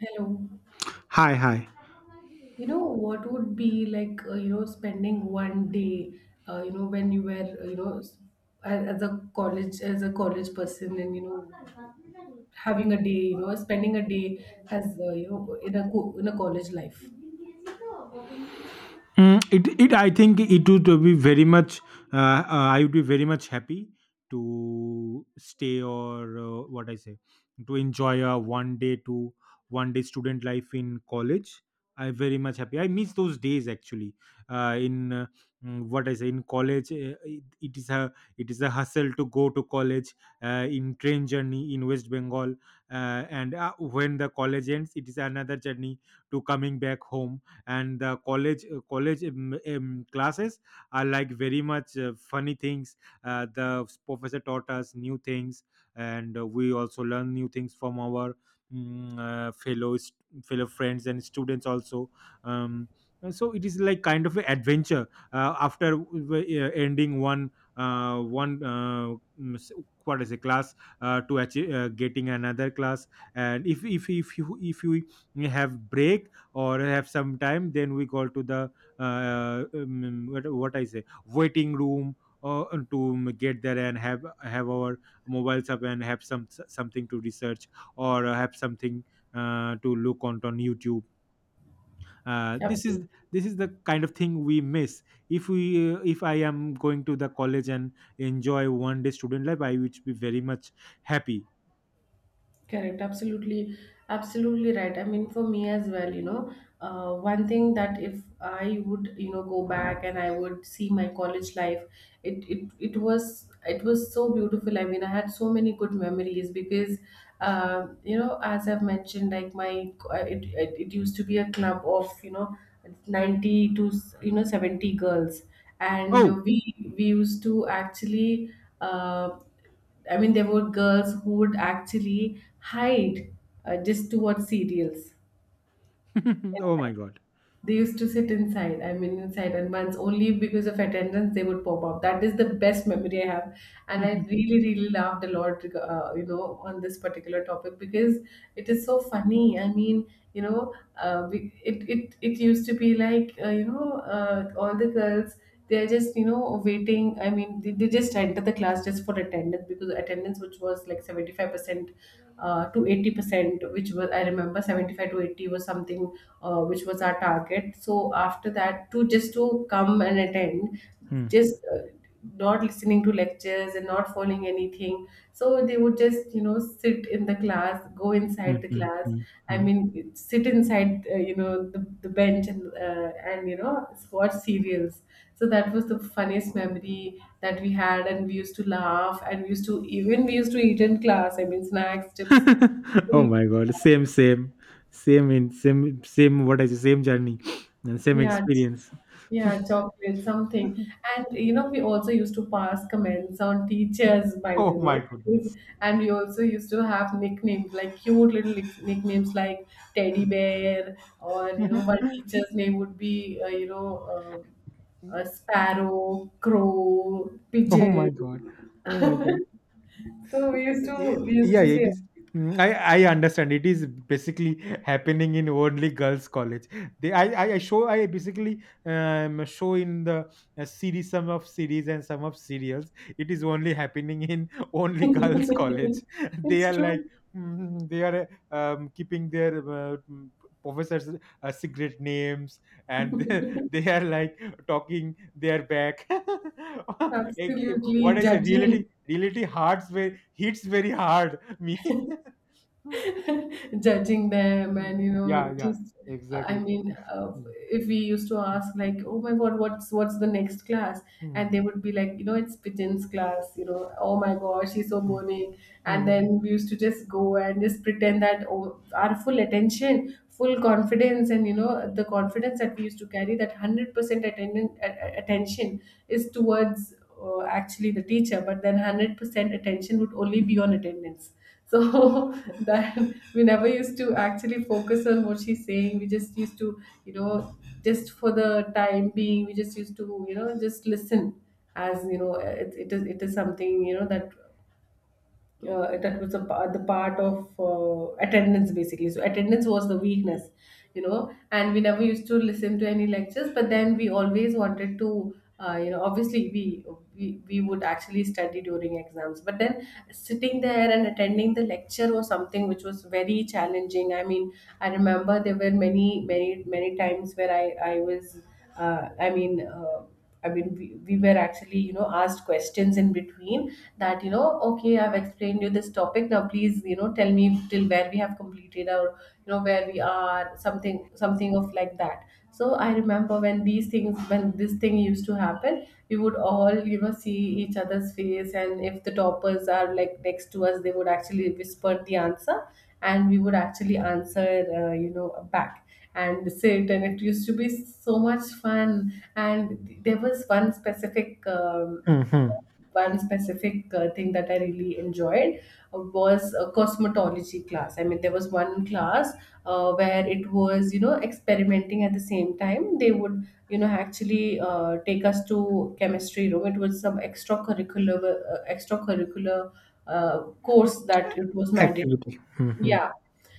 Hello. Hi, hi. You know, what would be like, spending one day, when you were, as a college person and, having a day, spending a day as, in a college life. I think it would be very much. I would be very much happy to stay, or what I say, to enjoy a one day to one day student life in college. I'm very much happy. I miss those days actually. Uh, in uh, what I say, in college, it is a hustle to go to college in train journey in West Bengal. uh, and when the college ends, it is another journey to coming back home. And the college, classes are like very much funny things. The professor taught us new things, and we also learn new things from our, mm, uh, fellow st- fellow friends and students also. um, and so it is like kind of an adventure, ending one, uh, one uh, mm, s- what is a class, to achieve, getting another class. And if if you have break, or have some time, then we go to the, what I say, waiting room, to get there and have our mobiles up, and have some something to research, or have something to look on YouTube. uh, this is Absolutely. this is the kind of thing we miss. If we if I am going to the college and enjoy one day student life, I would be very much happy. Correct, absolutely, absolutely right. I mean, for me as well, one thing that if I would, go back and I would see my college life, it was so beautiful. I mean, I had so many good memories because, as I've mentioned, like my it, it it used to be a club of, you know, 90 to, you know, 70 girls, and Oh. we used to actually. Uh, I mean, there were girls who would actually hide just to watch serials. Oh Inside. my god. They used to sit inside, I mean, inside, and once only because of attendance they would pop up. That is the best memory I have, and I really, really laughed a lot, on this particular topic because it is so funny. I mean, it used to be like, all the girls, they're just, you know, waiting. I mean, they just enter the class just for attendance, because attendance which was like 75% to 80%, which was, I remember, 75 to 80 was something which was our target. So after that, to just to come and attend, Hmm. just not listening to lectures and not following anything. So they would just, you know, sit in the class, go Hmm. inside the Hmm. class. Hmm. I Hmm. mean sit inside, the bench and, you know, watch serials. So that was the funniest memory that we had, and we used to laugh, and we used to, even we used to eat in class. I mean snacks, chips, Oh we- my god, same, same same in same, same, what I say, same journey and same Yeah. experience. Yeah, chocolate, something. And you know, we also used to pass comments on teachers, by the Oh way. my Because- goodness. And we also used to have nicknames, like cute little nicknames like Teddy Bear, or, you know, one teacher's name would be, um a sparrow, crow, Oh pigeon. my god. Oh my god. So we used Yeah, to, we used yeah, to it say, is. I understand. It is basically happening in only girls' college. They I show I basically show in the series, some of series and some of serials. It is only happening in only girls' college. They it's are true. like, they are, keeping their. Professors secret names, and they are like talking their back. Absolutely What I say, judging. reality hurts hits very hard. Me. Judging them and you know, Yeah, yeah, just I exactly. mean if we used to ask like, oh my god, what's the next class, and they Mm. would be like, you know, it's pigeon's class. You know, oh my gosh, she's so Mm. boring. And Mm. Mm. then we used to just go and just pretend that, oh, our full attention, full confidence, and you know, the confidence that we used to carry, that 100% attention is towards, actually, the teacher. But then 100% attention would only be on attendance. So that we never used to actually focus on what she's saying. We just used to, you know, just for the time being, we just used to, you know, just listen. As you know, it is something, you know, that that was a, the part of, attendance basically. So attendance was the weakness, you know, and we never used to listen to any lectures. But then we always wanted to, obviously we would actually study during exams. But then sitting there and attending the lecture was something which was very challenging. I mean I remember there were many times where I was, uh, i mean uh, I mean, we were actually, you know, asked questions in between that, you know, okay, I've explained you this topic. Now, please, you know, tell me till where we have completed, or you know, where we are, something, something of like that. So I remember when these things when this thing used to happen, we would all, you know, see each other's face, and if the toppers are like next to us, they would actually whisper the answer, and we would actually answer, you know, back, and sit. And it used to be so much fun. And there was one specific, Mm. Mhm. one specific thing that I really enjoyed was a cosmetology class. I mean, there was one class where it was, you know, experimenting. At the same time, they would, you know, actually take us to chemistry room. It was some extracurricular course that it was mandatory. Activity. Mhm. Yeah.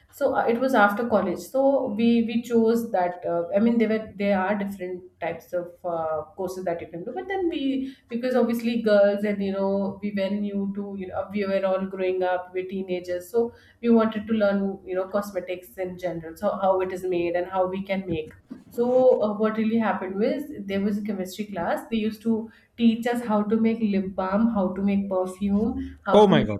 So it was after college, so we chose that. I mean, there are different types of courses that you can do. But then we, because obviously girls, and you know, we were new to, you know, we were all growing up, we're teenagers, so we wanted to learn, you know, cosmetics in general, so how it is made and how we can make. So what really happened was, there was a chemistry class. They used to teach us how to make lip balm, how to make perfume, how Oh to my make, god.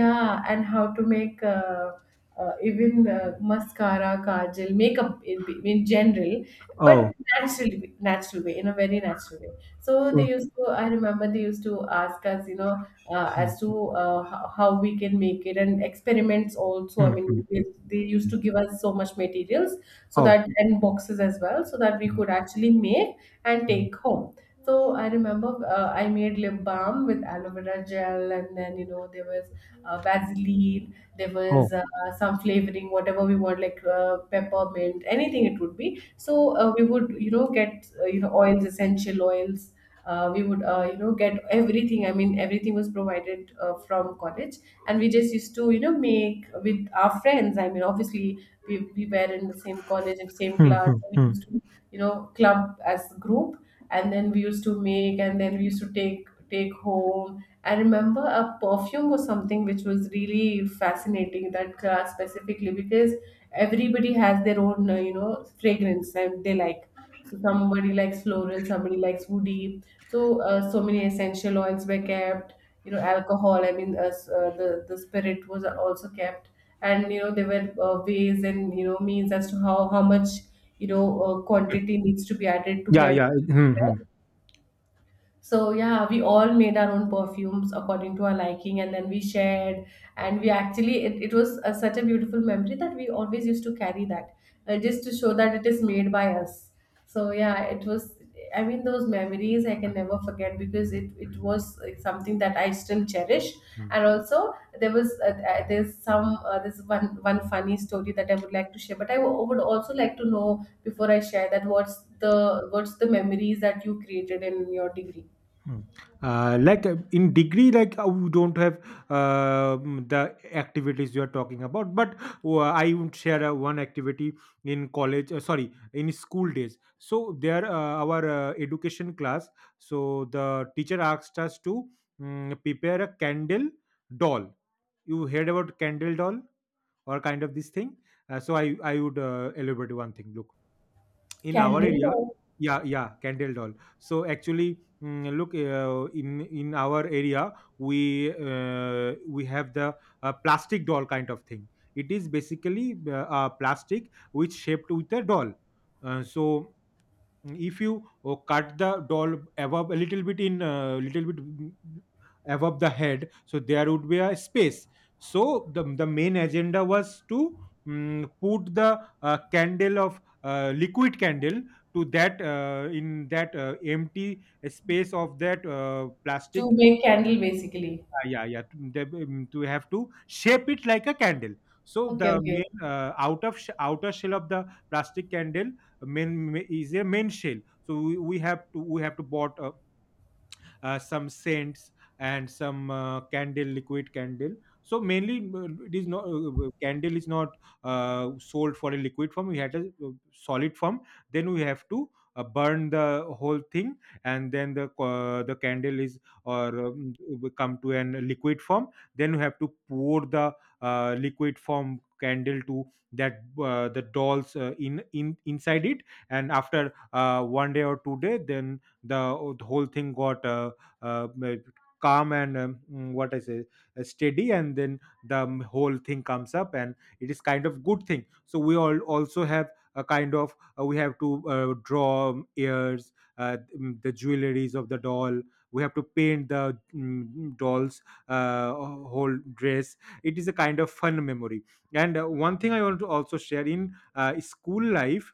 yeah, and how to make, even mascara, kajal, makeup, in general, but Oh. natural, natural way, in a very natural way. So they so- used to, I remember, they used to ask us, you know, mm, as to, how we can make it, and experiments also. I mean, mhm. They used to give us so much materials, so Oh. that, and boxes as well, so that we could actually make and mm, take home. So I remember I made lip balm with aloe vera gel. And then you know, there was, Vaseline, there was Oh. Some flavoring, whatever we want, like peppermint, anything. It would be so, we would, you know, get oils, essential oils. We would, you know, get everything. I mean everything was provided from college. And we just used to, you know, make with our friends. I mean obviously, we were in the same college and same class. Mhm, We mhm. used to, you know, club as a group, and then we used to make, and then we used to take home. I remember a perfume was something which was really fascinating, that class specifically, because everybody has their own, fragrance, and they like. So somebody likes floral, somebody likes woody, so, so many essential oils were kept, you know, alcohol. I mean, the spirit was also kept. And you know, there were, ways, and you know, means as to how much, quantity needs to be added to Yeah, get. yeah. Mhm, So yeah, we all made our own perfumes according to our liking, and then we shared. And we actually, it was a, such a beautiful memory that we always used to carry that, just to show that it is made by us. So yeah, it was. I mean, those memories I can never forget, because it was, something that I still cherish. mhm. And also, there was, there's some, this one one funny story that I would like to share. But I would also like to know, before I share that, what's the, memories that you created in your degree. Hmm. Like, in degree, like, we don't have, the activities you are talking about, but I would share one activity in college. Sorry, in school days. So there, our education class. So the teacher asked us to, prepare a candle doll. You heard about candle doll or kind of this thing? So I would elaborate one thing. Look, in our Candle area. or Yeah, yeah, candle doll. So actually, look, in our area, we have the plastic doll kind of thing. It is basically a plastic which shaped with a doll. So if you cut the doll above a little bit, in a little bit mm, above the head, so there would be a space. So the main agenda was to, put the candle of, liquid candle to that, in that, empty space of that, to plastic. make candle basically. Yeah, yeah, yeah, to have to shape it like a candle. So Okay, the okay. main, outer shell of the plastic candle, is a main shell. So we have to bought a, some scents, and some, candle liquid candle. So mainly, it is not, candle is not sold for a liquid form, we had a solid form. Then we have to burn the whole thing, and then the candle is, or will come to an liquid form. Then we have to pour the liquid form candle to that, the doll's, in inside it. And after one day or 2 day, then the whole thing got, uh, m- calm and, what I say, steady, and then the, whole thing comes up, and it is kind of good thing. So we all also have a kind of, we have to draw, ears, the jewelries of the doll. We have to paint the, doll's whole dress. It is a kind of fun memory. And one thing I want to also share in school life.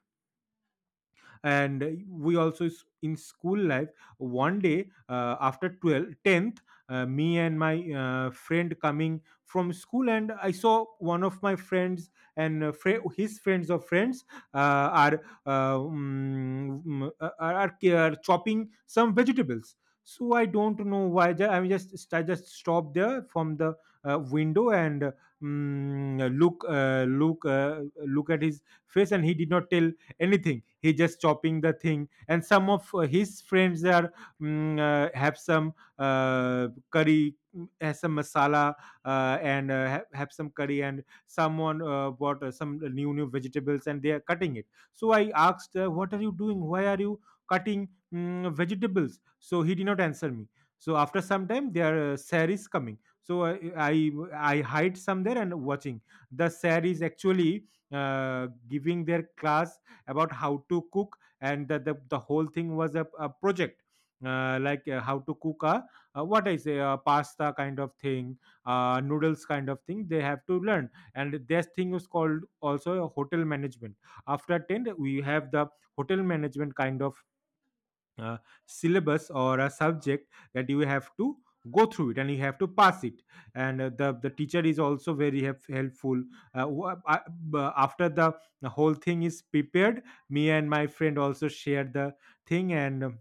And we also, s- in school life one day, after tenth, me and my friend coming from school. And I saw one of my friends, and fri his friends of friends, are, mm, are chopping some vegetables. So I don't know why, I mean, just stopped there from the window, and, mm, look uh, look uh, look at his face, and he did not tell anything. He just chopping the thing, and some of his friends are, have some curry, has some masala, and have some curry. And someone bought some new vegetables, and they are cutting it. So I asked, what are you doing, why are you cutting, vegetables? So he did not answer me. So after some time, their sir is coming. So i I hide some there and watching. The sir is actually uh, giving their class about how to cook, and the whole thing was a project, like, how to cook a, what I say, a pasta kind of thing, noodles kind of thing they have to learn. And this thing is called also a hotel management. After 10, we have the hotel management kind of uh, syllabus or a subject that you have to go through it, and you have to pass it. And the teacher is also very, helpful. uh, wha- uh, After the whole thing is prepared, me and my friend also share the thing. And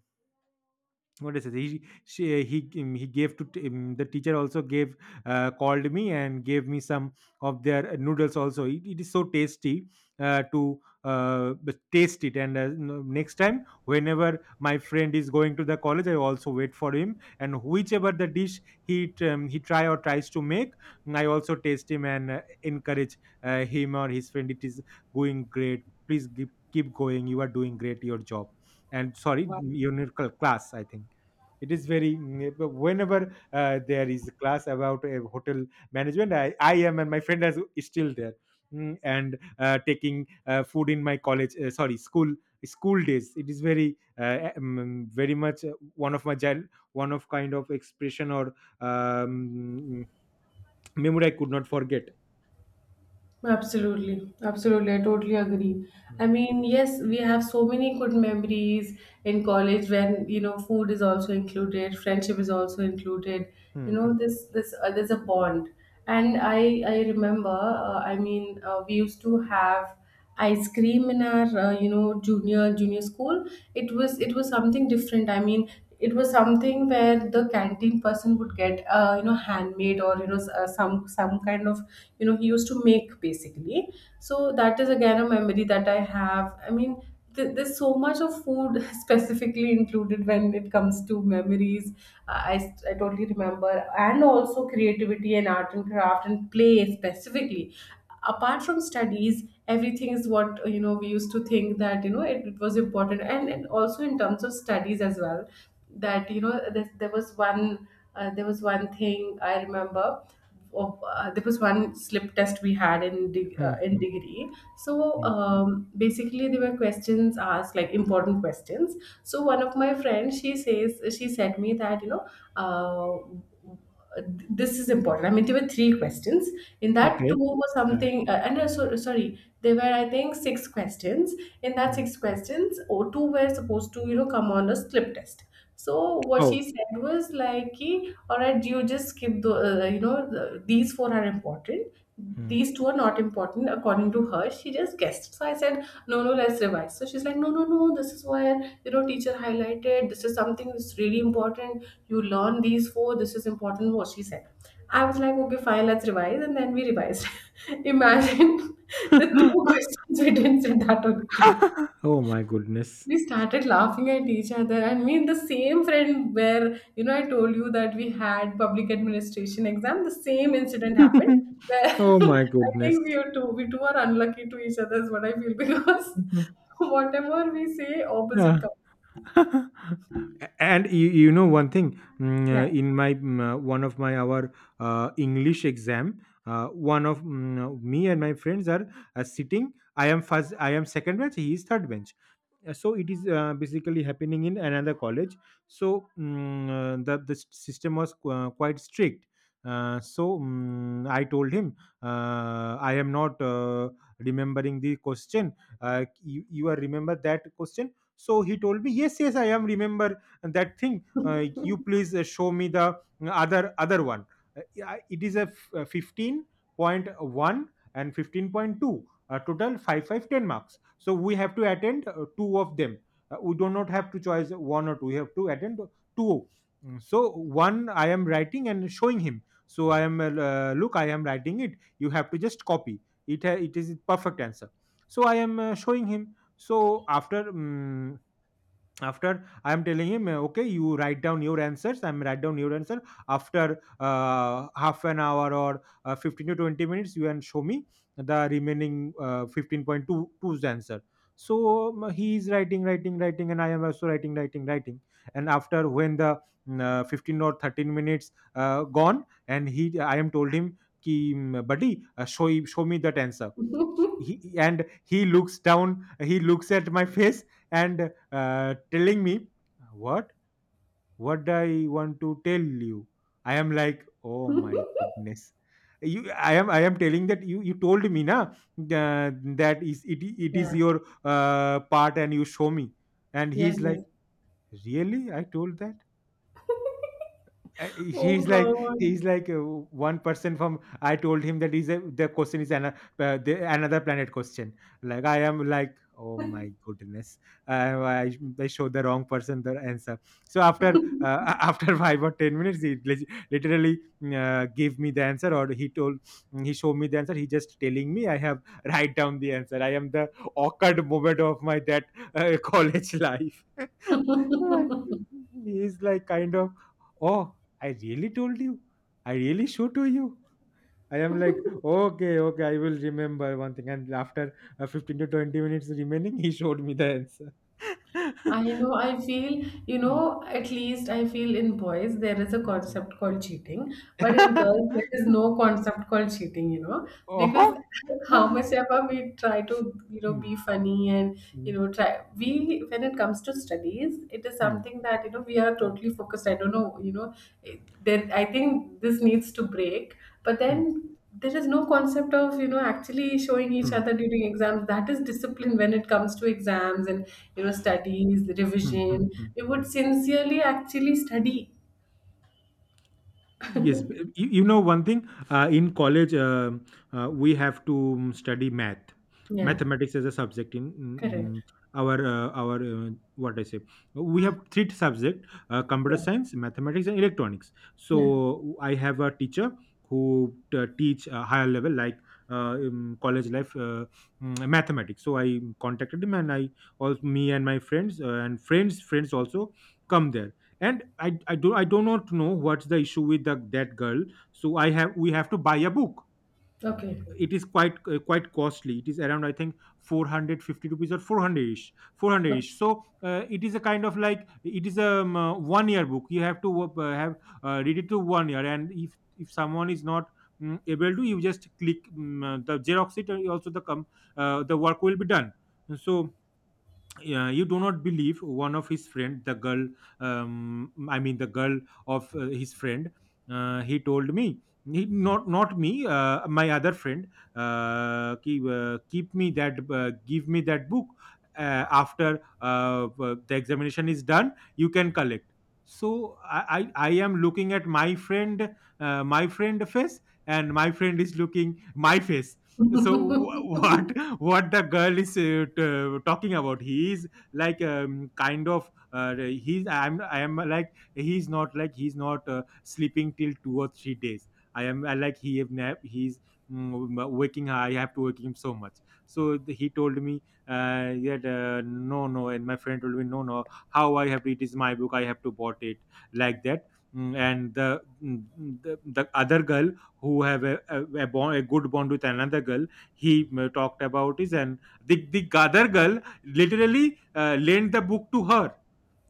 what is it? He she, he gave to t- The teacher also gave, called me, and gave me some of their noodles also. It is so tasty to taste it. And next time, whenever my friend is going to the college, I also wait for him. And whichever the dish, he try or tries to make, I also taste him and encourage him or his friend. It is going great. Please keep going. You are doing great. Your job, and sorry, Wow. your class. I think it is very, whenever there is class about hotel management, I am, and my friend is still there. And taking food in my college, sorry, school days, it is very, very much one of my, child one of kind of expression, or um, mm, memory I could not forget. Absolutely, absolutely. I totally agree. Mm, I mean, yes, we have so many good memories in college when, you know, food is also included, friendship is also included. You mm, mm, know, this there's a bond. And I remember, we used to have ice cream in our, junior school. It was something different. I mean it was something where the canteen person would get, handmade, or you know, some kind of, you know, he used to make basically. So that is again a memory that I have. I mean there's so much of food specifically included when it comes to memories. I totally remember. And also creativity and art and craft and play specifically, apart from studies, everything is what, you know, we used to think that, you know, it was important. And also in terms of studies as well, that you know, there was one, there was one thing I remember of, there was one slip test we had in de- uh, mm, in mm, degree. So mm. Basically there were questions asked, like important questions. So one of my friends, she says she said me that, you know, uh, this is important. I mean, there were 3 questions. In that, Okay. two were Uh, something, and so, sorry, there were, I think, 6 questions. In that mm. six questions, or two were supposed to come on a slip test. So what she Oh, said was like, ki, all right, you just skip these four are important. mm. These two are not important according to her. She just guessed. So I said, no, no, let's revise. So she's like, no, no, no, this is where teacher highlighted. This is something that's really important. You learn these four. This is important, what she said. I was like, okay, fine, let's revise, and then we revised. Imagine, the two questions we didn't say that on again. Oh my goodness. We started laughing at each other. I mean, the same friend where I told you that we had public administration exam, the same incident happened where Oh my I goodness. think we two are unlucky to each other, is what I feel, because Mhm. whatever we say, opposite Yeah. comes. And you know one thing, Yeah. In my, one of my our English exam, me and my friends are sitting. I am second bench, he is third bench. So it is basically happening in another college. So the system was quite strict. So I told him, I am not remembering the question, you are remember that question. So he told me, yes, yes, I am remember that thing, you please show me the other one. Yeah, it is a 15.1 and 15.2, total 5 5 10 marks. So we have to attend two of them. We do not have to choose one or two, we have to attend two. So one I am writing and showing him. So I am, look, I am writing it, you have to just copy it, it is perfect answer. So I am showing him. So, after I am telling him, okay, you write down your answers, I'm write down your answer, after half an hour or 15 to 20 minutes you can show me the remaining, 15.22's answer. So he is writing, writing, writing, and I am also writing, writing, writing. And after, when the 15 or 13 minutes gone, and he I am told him, ki, buddy, show me that answer. he, and he Looks down, he looks at my face and telling me, "What? What I want to tell you?" I am like, "Oh my goodness, you I am telling that you told me na, that is it. It is Yeah. your part, and you show me." And Yes, he's yes. like, "Really? I told that?" Oh He's like, God. One person. From I told him that is a— the question is an, the— another planet question. Like, I am like, "Oh my goodness. uh, I showed the wrong person the answer." So after after 5 or 10 minutes, he lit- literally gave me the answer, or he told— he showed me the answer. He just telling me, "I have write down the answer." I am the awkward moment of my that college life. Like, he's like kind of, "Oh, I really told you. I really showed to you." I am like, "Okay, okay, I will remember one thing." And after 15 to 20 minutes remaining, he showed me the answer. I know, I feel, you Mm, know, at least I feel in boys there is a mm, concept called cheating, but in girls there is mm. no concept called cheating, because Oh. how much ever we try to Mm, be funny and, you mm, know, try, when it comes to studies, it is mm, something that we are mm, totally focused. I don't know. There, I think this needs to break, but mm, then there is no concept of actually showing each other mm, during exams. That is discipline when it comes to exams and studies mm, mm, revision. mm, We would mm. sincerely actually study. Yes, b- you know one thing. In college, we have to study math, Yeah. mathematics as a subject in Correct. mm, our what I say. We have three subject: computer Yeah, science, mathematics, and electronics. yeah. So I have a teacher who teach a higher level like college life, mathematics. So I contacted him, and I also, me and my friends, and friends also come there. And I do not know what's the issue with the, that girl. So I have we have to buy a book. Okay, It is quite quite costly. It is around, I think, 450 rupees or 400 ish, 400 okay. ish. So it is a kind of like, it is a 1 year book. You have to have read it to 1 year. And if someone is not able to, you just click the xerox it, and also the com- the work will be done. So you do not believe, one of his friend, the girl, I mean the girl of his friend, he told me— he, not not me, my other friend— keep me that, give me that book after the examination is done, you can collect. So I am looking at my friend, my friend face, and my friend is looking my face. So wh- what what the girl is t- talking about. He's like kind of, he's— I am like, he's not like, he's not sleeping till 2 or 3 days. I am— I like, he have nap. He's waking. I have to wake him so much. So th- he told me that, no, no. And my friend told me, "No, no, how I have? It is my book, I have to bought it," like that. Mm, and the other girl who have a bond, a good bond with another girl, he talked about is. And the other girl literally lent the book to her.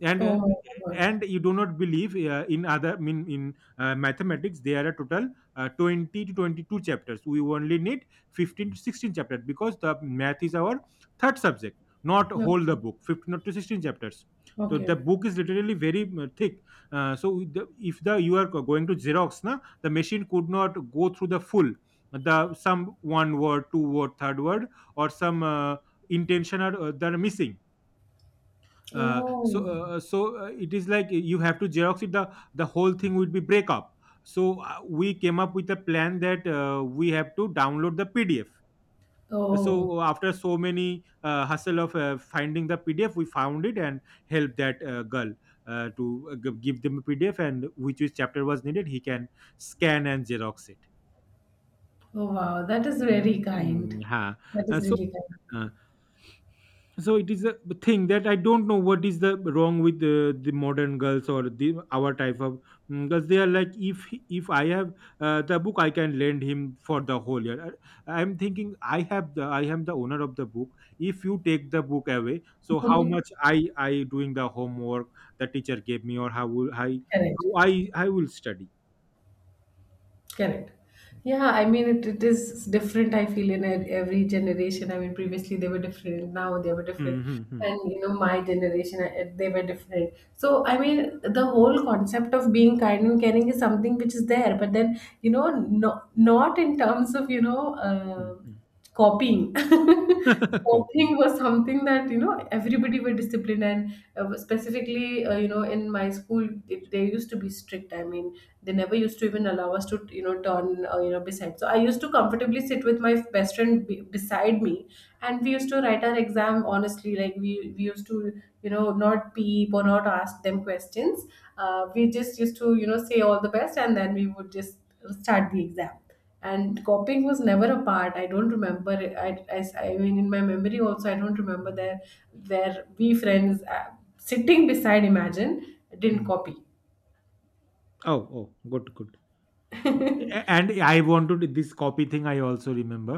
And Oh my god. and you do not believe, in other mean, in mathematics, there are total 20 to 22 chapters. We only need 15 to 16 chapters, because the math is our third subject, not Yeah. whole the book. 15 to 16 chapters. So the Okay. book is literally very thick. So with the, if the you are going to xerox na, the machine could not go through the full. The Some one word, two word, third word, or some intention are that are missing. Oh, It is like, you have to xerox it, the whole thing would be breakup. So we came up with a plan that we have to download the pdf. oh, So after so many hustle of finding the pdf, we found it, and helped that girl give them a pdf, and which chapter was needed, he can scan and xerox it. oh, wow, that is very Mm, kind. Huh. That is so, really kind. uh, so it is a thing that I don't know what is the wrong with the modern girls, or the our type of girls. They are like, if I have the book, I can lend him for the whole year. I- I'm thinking, I have the— I am the owner of the book. If you take the book away, so how much I— I doing the homework the teacher gave me? Or how will I, Correct. how I— I will study? Correct. Yeah, I mean, it is different, I feel, in every generation. I mean, previously they were different, now they were different. Mm-hmm. And my generation, they were different. So, I mean, the whole concept of being kind and caring is something which is there, but then, no, not in terms of. Copying, Copy. copying was something that everybody were disciplined, and specifically in my school, they used to be strict. I mean, they never used to even allow us to turn beside, so I used to comfortably sit with my best friend beside me. And we used to write our exam honestly, like we used to not peep or not ask them questions. We just used to say all the best, and then we would just start the exam. And copying was never a part. I don't remember it. I mean, in my memory also, I don't remember Mm, there where we friends sitting beside imagine didn't mm. copy. Oh, oh, good, good. And I wanted this copy thing. I also remember,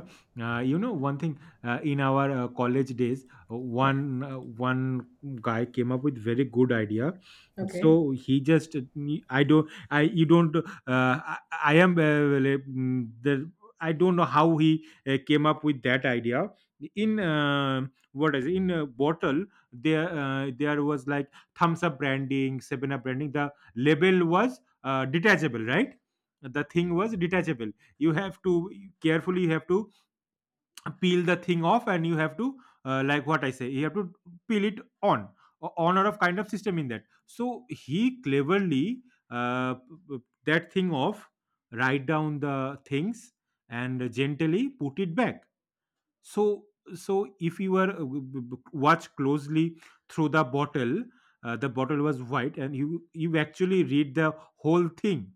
you know one thing, in our college days, uh, Yeah. one uh, one guy came up with very good idea. Okay. So he just I don't— I— you don't— I am like, mm, the I don't know how he came up with that idea. In what is it, in a bottle, there was like thumbs up branding, seven up branding. The label was detachable, right? The thing was detachable. You have to carefully, you have to peel the thing off, and you have to like what I say, you have to peel it on, o- on or off, kind of system in that. So he cleverly uh, p- p- that thing off, write down the things, and gently put it back. So if you were watch closely through the bottle, the bottle was white, and you actually read the whole thing.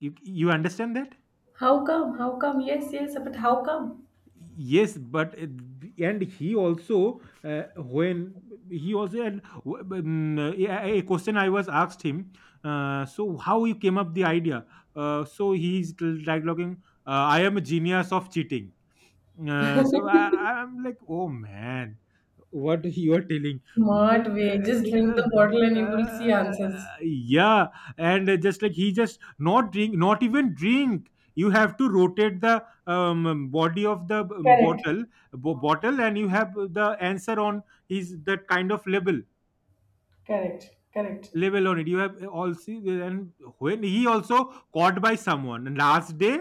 You understand that. How come, how come, yes, yes, but how come? Yes, but it, and he also when he also— a question I was asked him, so how you came up the idea? So he's dialoguing, "I am a genius of cheating." So I- am like, "Oh man, what you are telling?" Smart way, just drink Yeah, the bottle and you will see uh, answers. yeah, yeah. And just like, he just not drink, not even drink. You have to rotate the body of the Correct. bottle, bo- bottle, and you have the answer on his that kind of label, Correct. Correct. level on it. You have all see. And when he also caught by someone. And last day,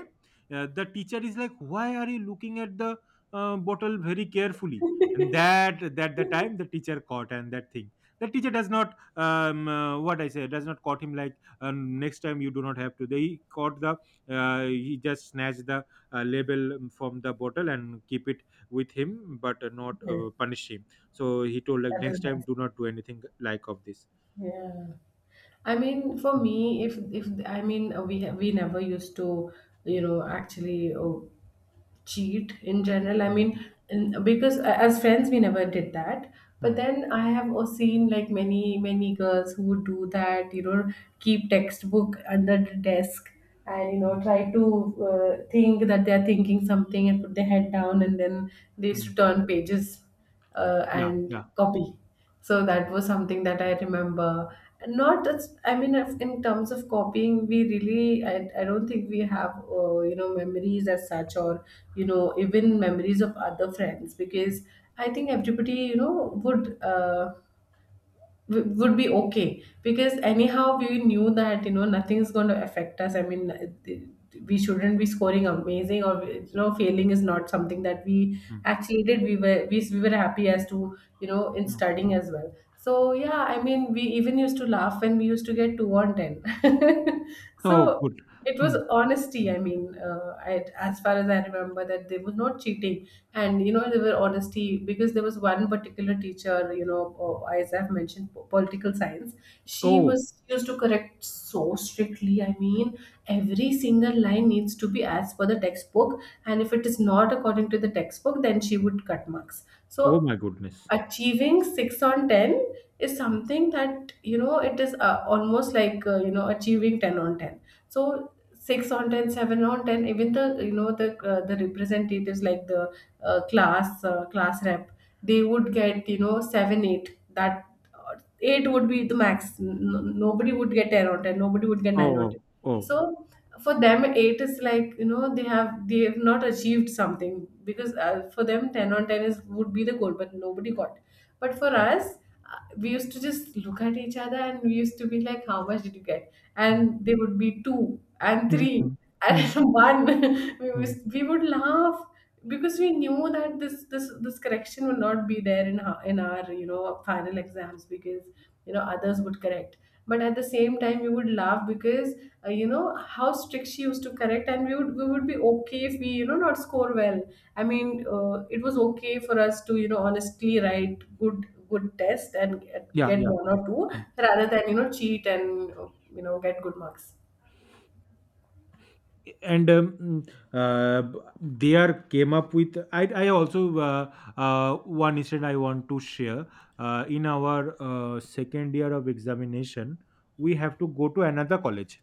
the teacher is like, "Why are you looking at the bottle very carefully?" And that that the time, the teacher caught and that thing. The teacher does not what I say, does not caught him like, "Next time you do not have to." They caught the he just snatched the label from the bottle and keep it with him, but not Okay. Punish him. So he told like, That is "Next time nice. do not do anything like of this." Yeah. I mean, for Mm. me, if I mean, we never used to actually cheat in general. I Mm, mean, because as friends, we never did that. But mm, then I have also seen like many, many girls who would do that, keep textbook under the desk and, you mm, know, try to think that they're thinking something and put their head down, and then they used mm. to turn pages Yeah, and yeah. copy. So that was something that I remember. Not, I mean, in terms of copying, we really, I don't think we have, memories as such, or even memories of other friends, Mm, because I think everybody, would. Would be okay because anyhow we knew that nothing's going to affect us. I mean, we shouldn't be scoring amazing, or failing is not something that we mm, actually did. We were happy as to in mm. studying as well, so yeah. I mean, we even used to laugh when we used to get 2 on 10. Oh, So good. it was Mm, honesty, mm, I mean, as far as I remember, that there was no cheating. And they were honesty because there was one particular teacher, mm. As I've mentioned, political science. She Oh, was used to correct so strictly, I mean, every single line needs to be as per the textbook, and if it is not according to the textbook, then she mm. would cut marks. So Oh my goodness. achieving 6 on 10 is Mm. something that it is almost like, achieving 10 on 10. So 6 on 10, 7 on 10, even the representatives, like the class rep, they would get 7 8, that 8 would be the max. Nobody would get 10 on 10. Nobody would get 9 Oh, on 10. oh, oh. So for them, eight is like they have not achieved something because, for them, 10 on 10 is would be the goal, but nobody got. But for Mm, us, we used to just look at each other, and we used to be like, how much did you get? mm, And they would be two and mm, three. mm, And mm, one, mm. we would laugh because we knew that this correction will not be there in our final exams, because others would correct. But at the same time, we would laugh because you know how strict she used to correct, and we would be okay if we not score well. I mean, it was okay for us to honestly write good good test and get, Yeah, get yeah. one or two, Mm. rather than cheat and get good marks. And uh, they are came up with— I also uh, one incident I want to share. In our second year of examination, we have to go to another college.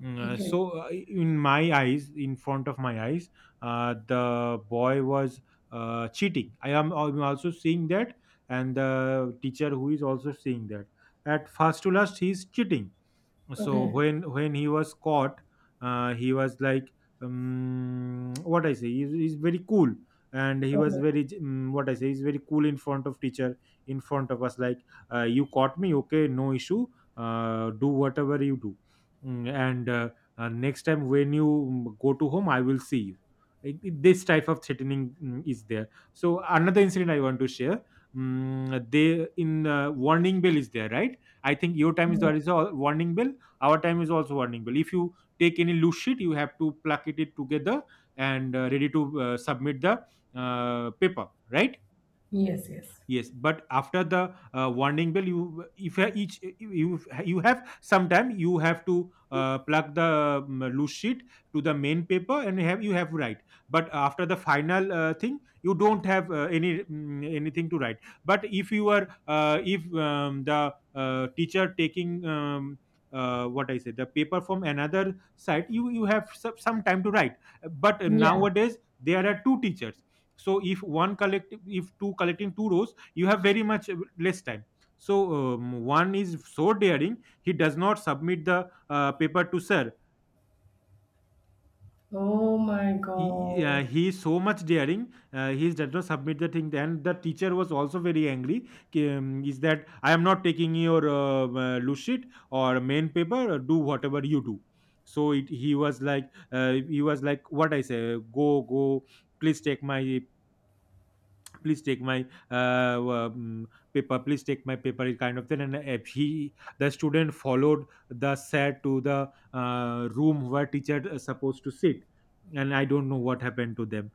Mm, Okay. In my eyes, in front of my eyes, the boy was cheating. I'm also seeing that, and the teacher who is also seeing that. At first to last, he is cheating. So Okay. When he was caught, he was like, what I say, he's very cool. And he was Okay. very, what I say, he's very cool in front of teacher, in front of us, like, "You caught me, okay, no issue. Do whatever you do." Mm, and "Next time when you go to home, I will see you." Like, this type of threatening is there. So another incident I want to share. Mm, they— in warning bell is there, right? I think your time is Yeah. there is a warning bell. Our time is also earning bill. If you take any loose sheet, you have to plug it together, and ready to submit the paper, right? Yes. Yes. Yes, but after the warning bell, you if you- each you, you have some time, you have to plug the loose sheet to the main paper, and you have— you have to write. But after the final thing, you don't have any, anything to write. But if you are, if the teacher taking what I say, the paper from another side, you have some time to write. But Yeah. nowadays there are two teachers, so if one collect, if two collecting two rows, you have very much less time. So one is so daring, he does not submit the paper to sir. Oh my God. He is so much daring, he does not submit the thing. And the teacher was also very angry. K- is that, "I am not taking your loose sheet or main paper. Do whatever you do." So it, he was like, he was like, what I say, "Go, go, please take my, please take my uh, um, paper, please take my paper," it kind of thing. And if he— the student followed the set to the room where teacher is supposed to sit. And I don't know what happened to them.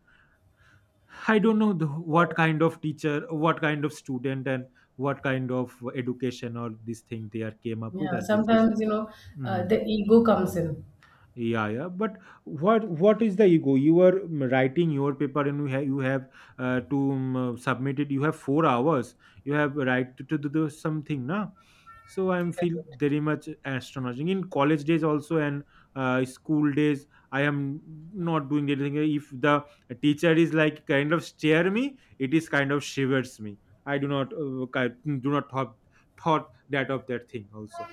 I don't know the, what kind of teacher, what kind of student, and what kind of education, or this thing they are came up with. Yeah, That this is— sometimes, Mm. the ego comes in. Yeah, yeah. But what is the ego? You are writing your paper, and you have— you have to submit it. You have 4 hours. You have right to do something, na. So I'm feel Correct. very much astonishing. In college days also and school days, I am not doing anything. If the teacher is like kind of stare me, it is kind of shivers me. I do not thought that of that thing also.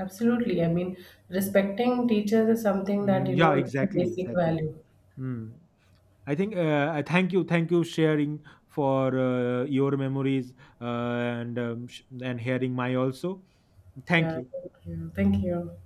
Absolutely. I mean, Mm. respecting teachers is something that, Mm, you yeah, know, it's a exactly, basic exactly. value. Mm. I think I thank you sharing for your memories, and hearing my also. Thank Yeah. you. Thank you. Thank you.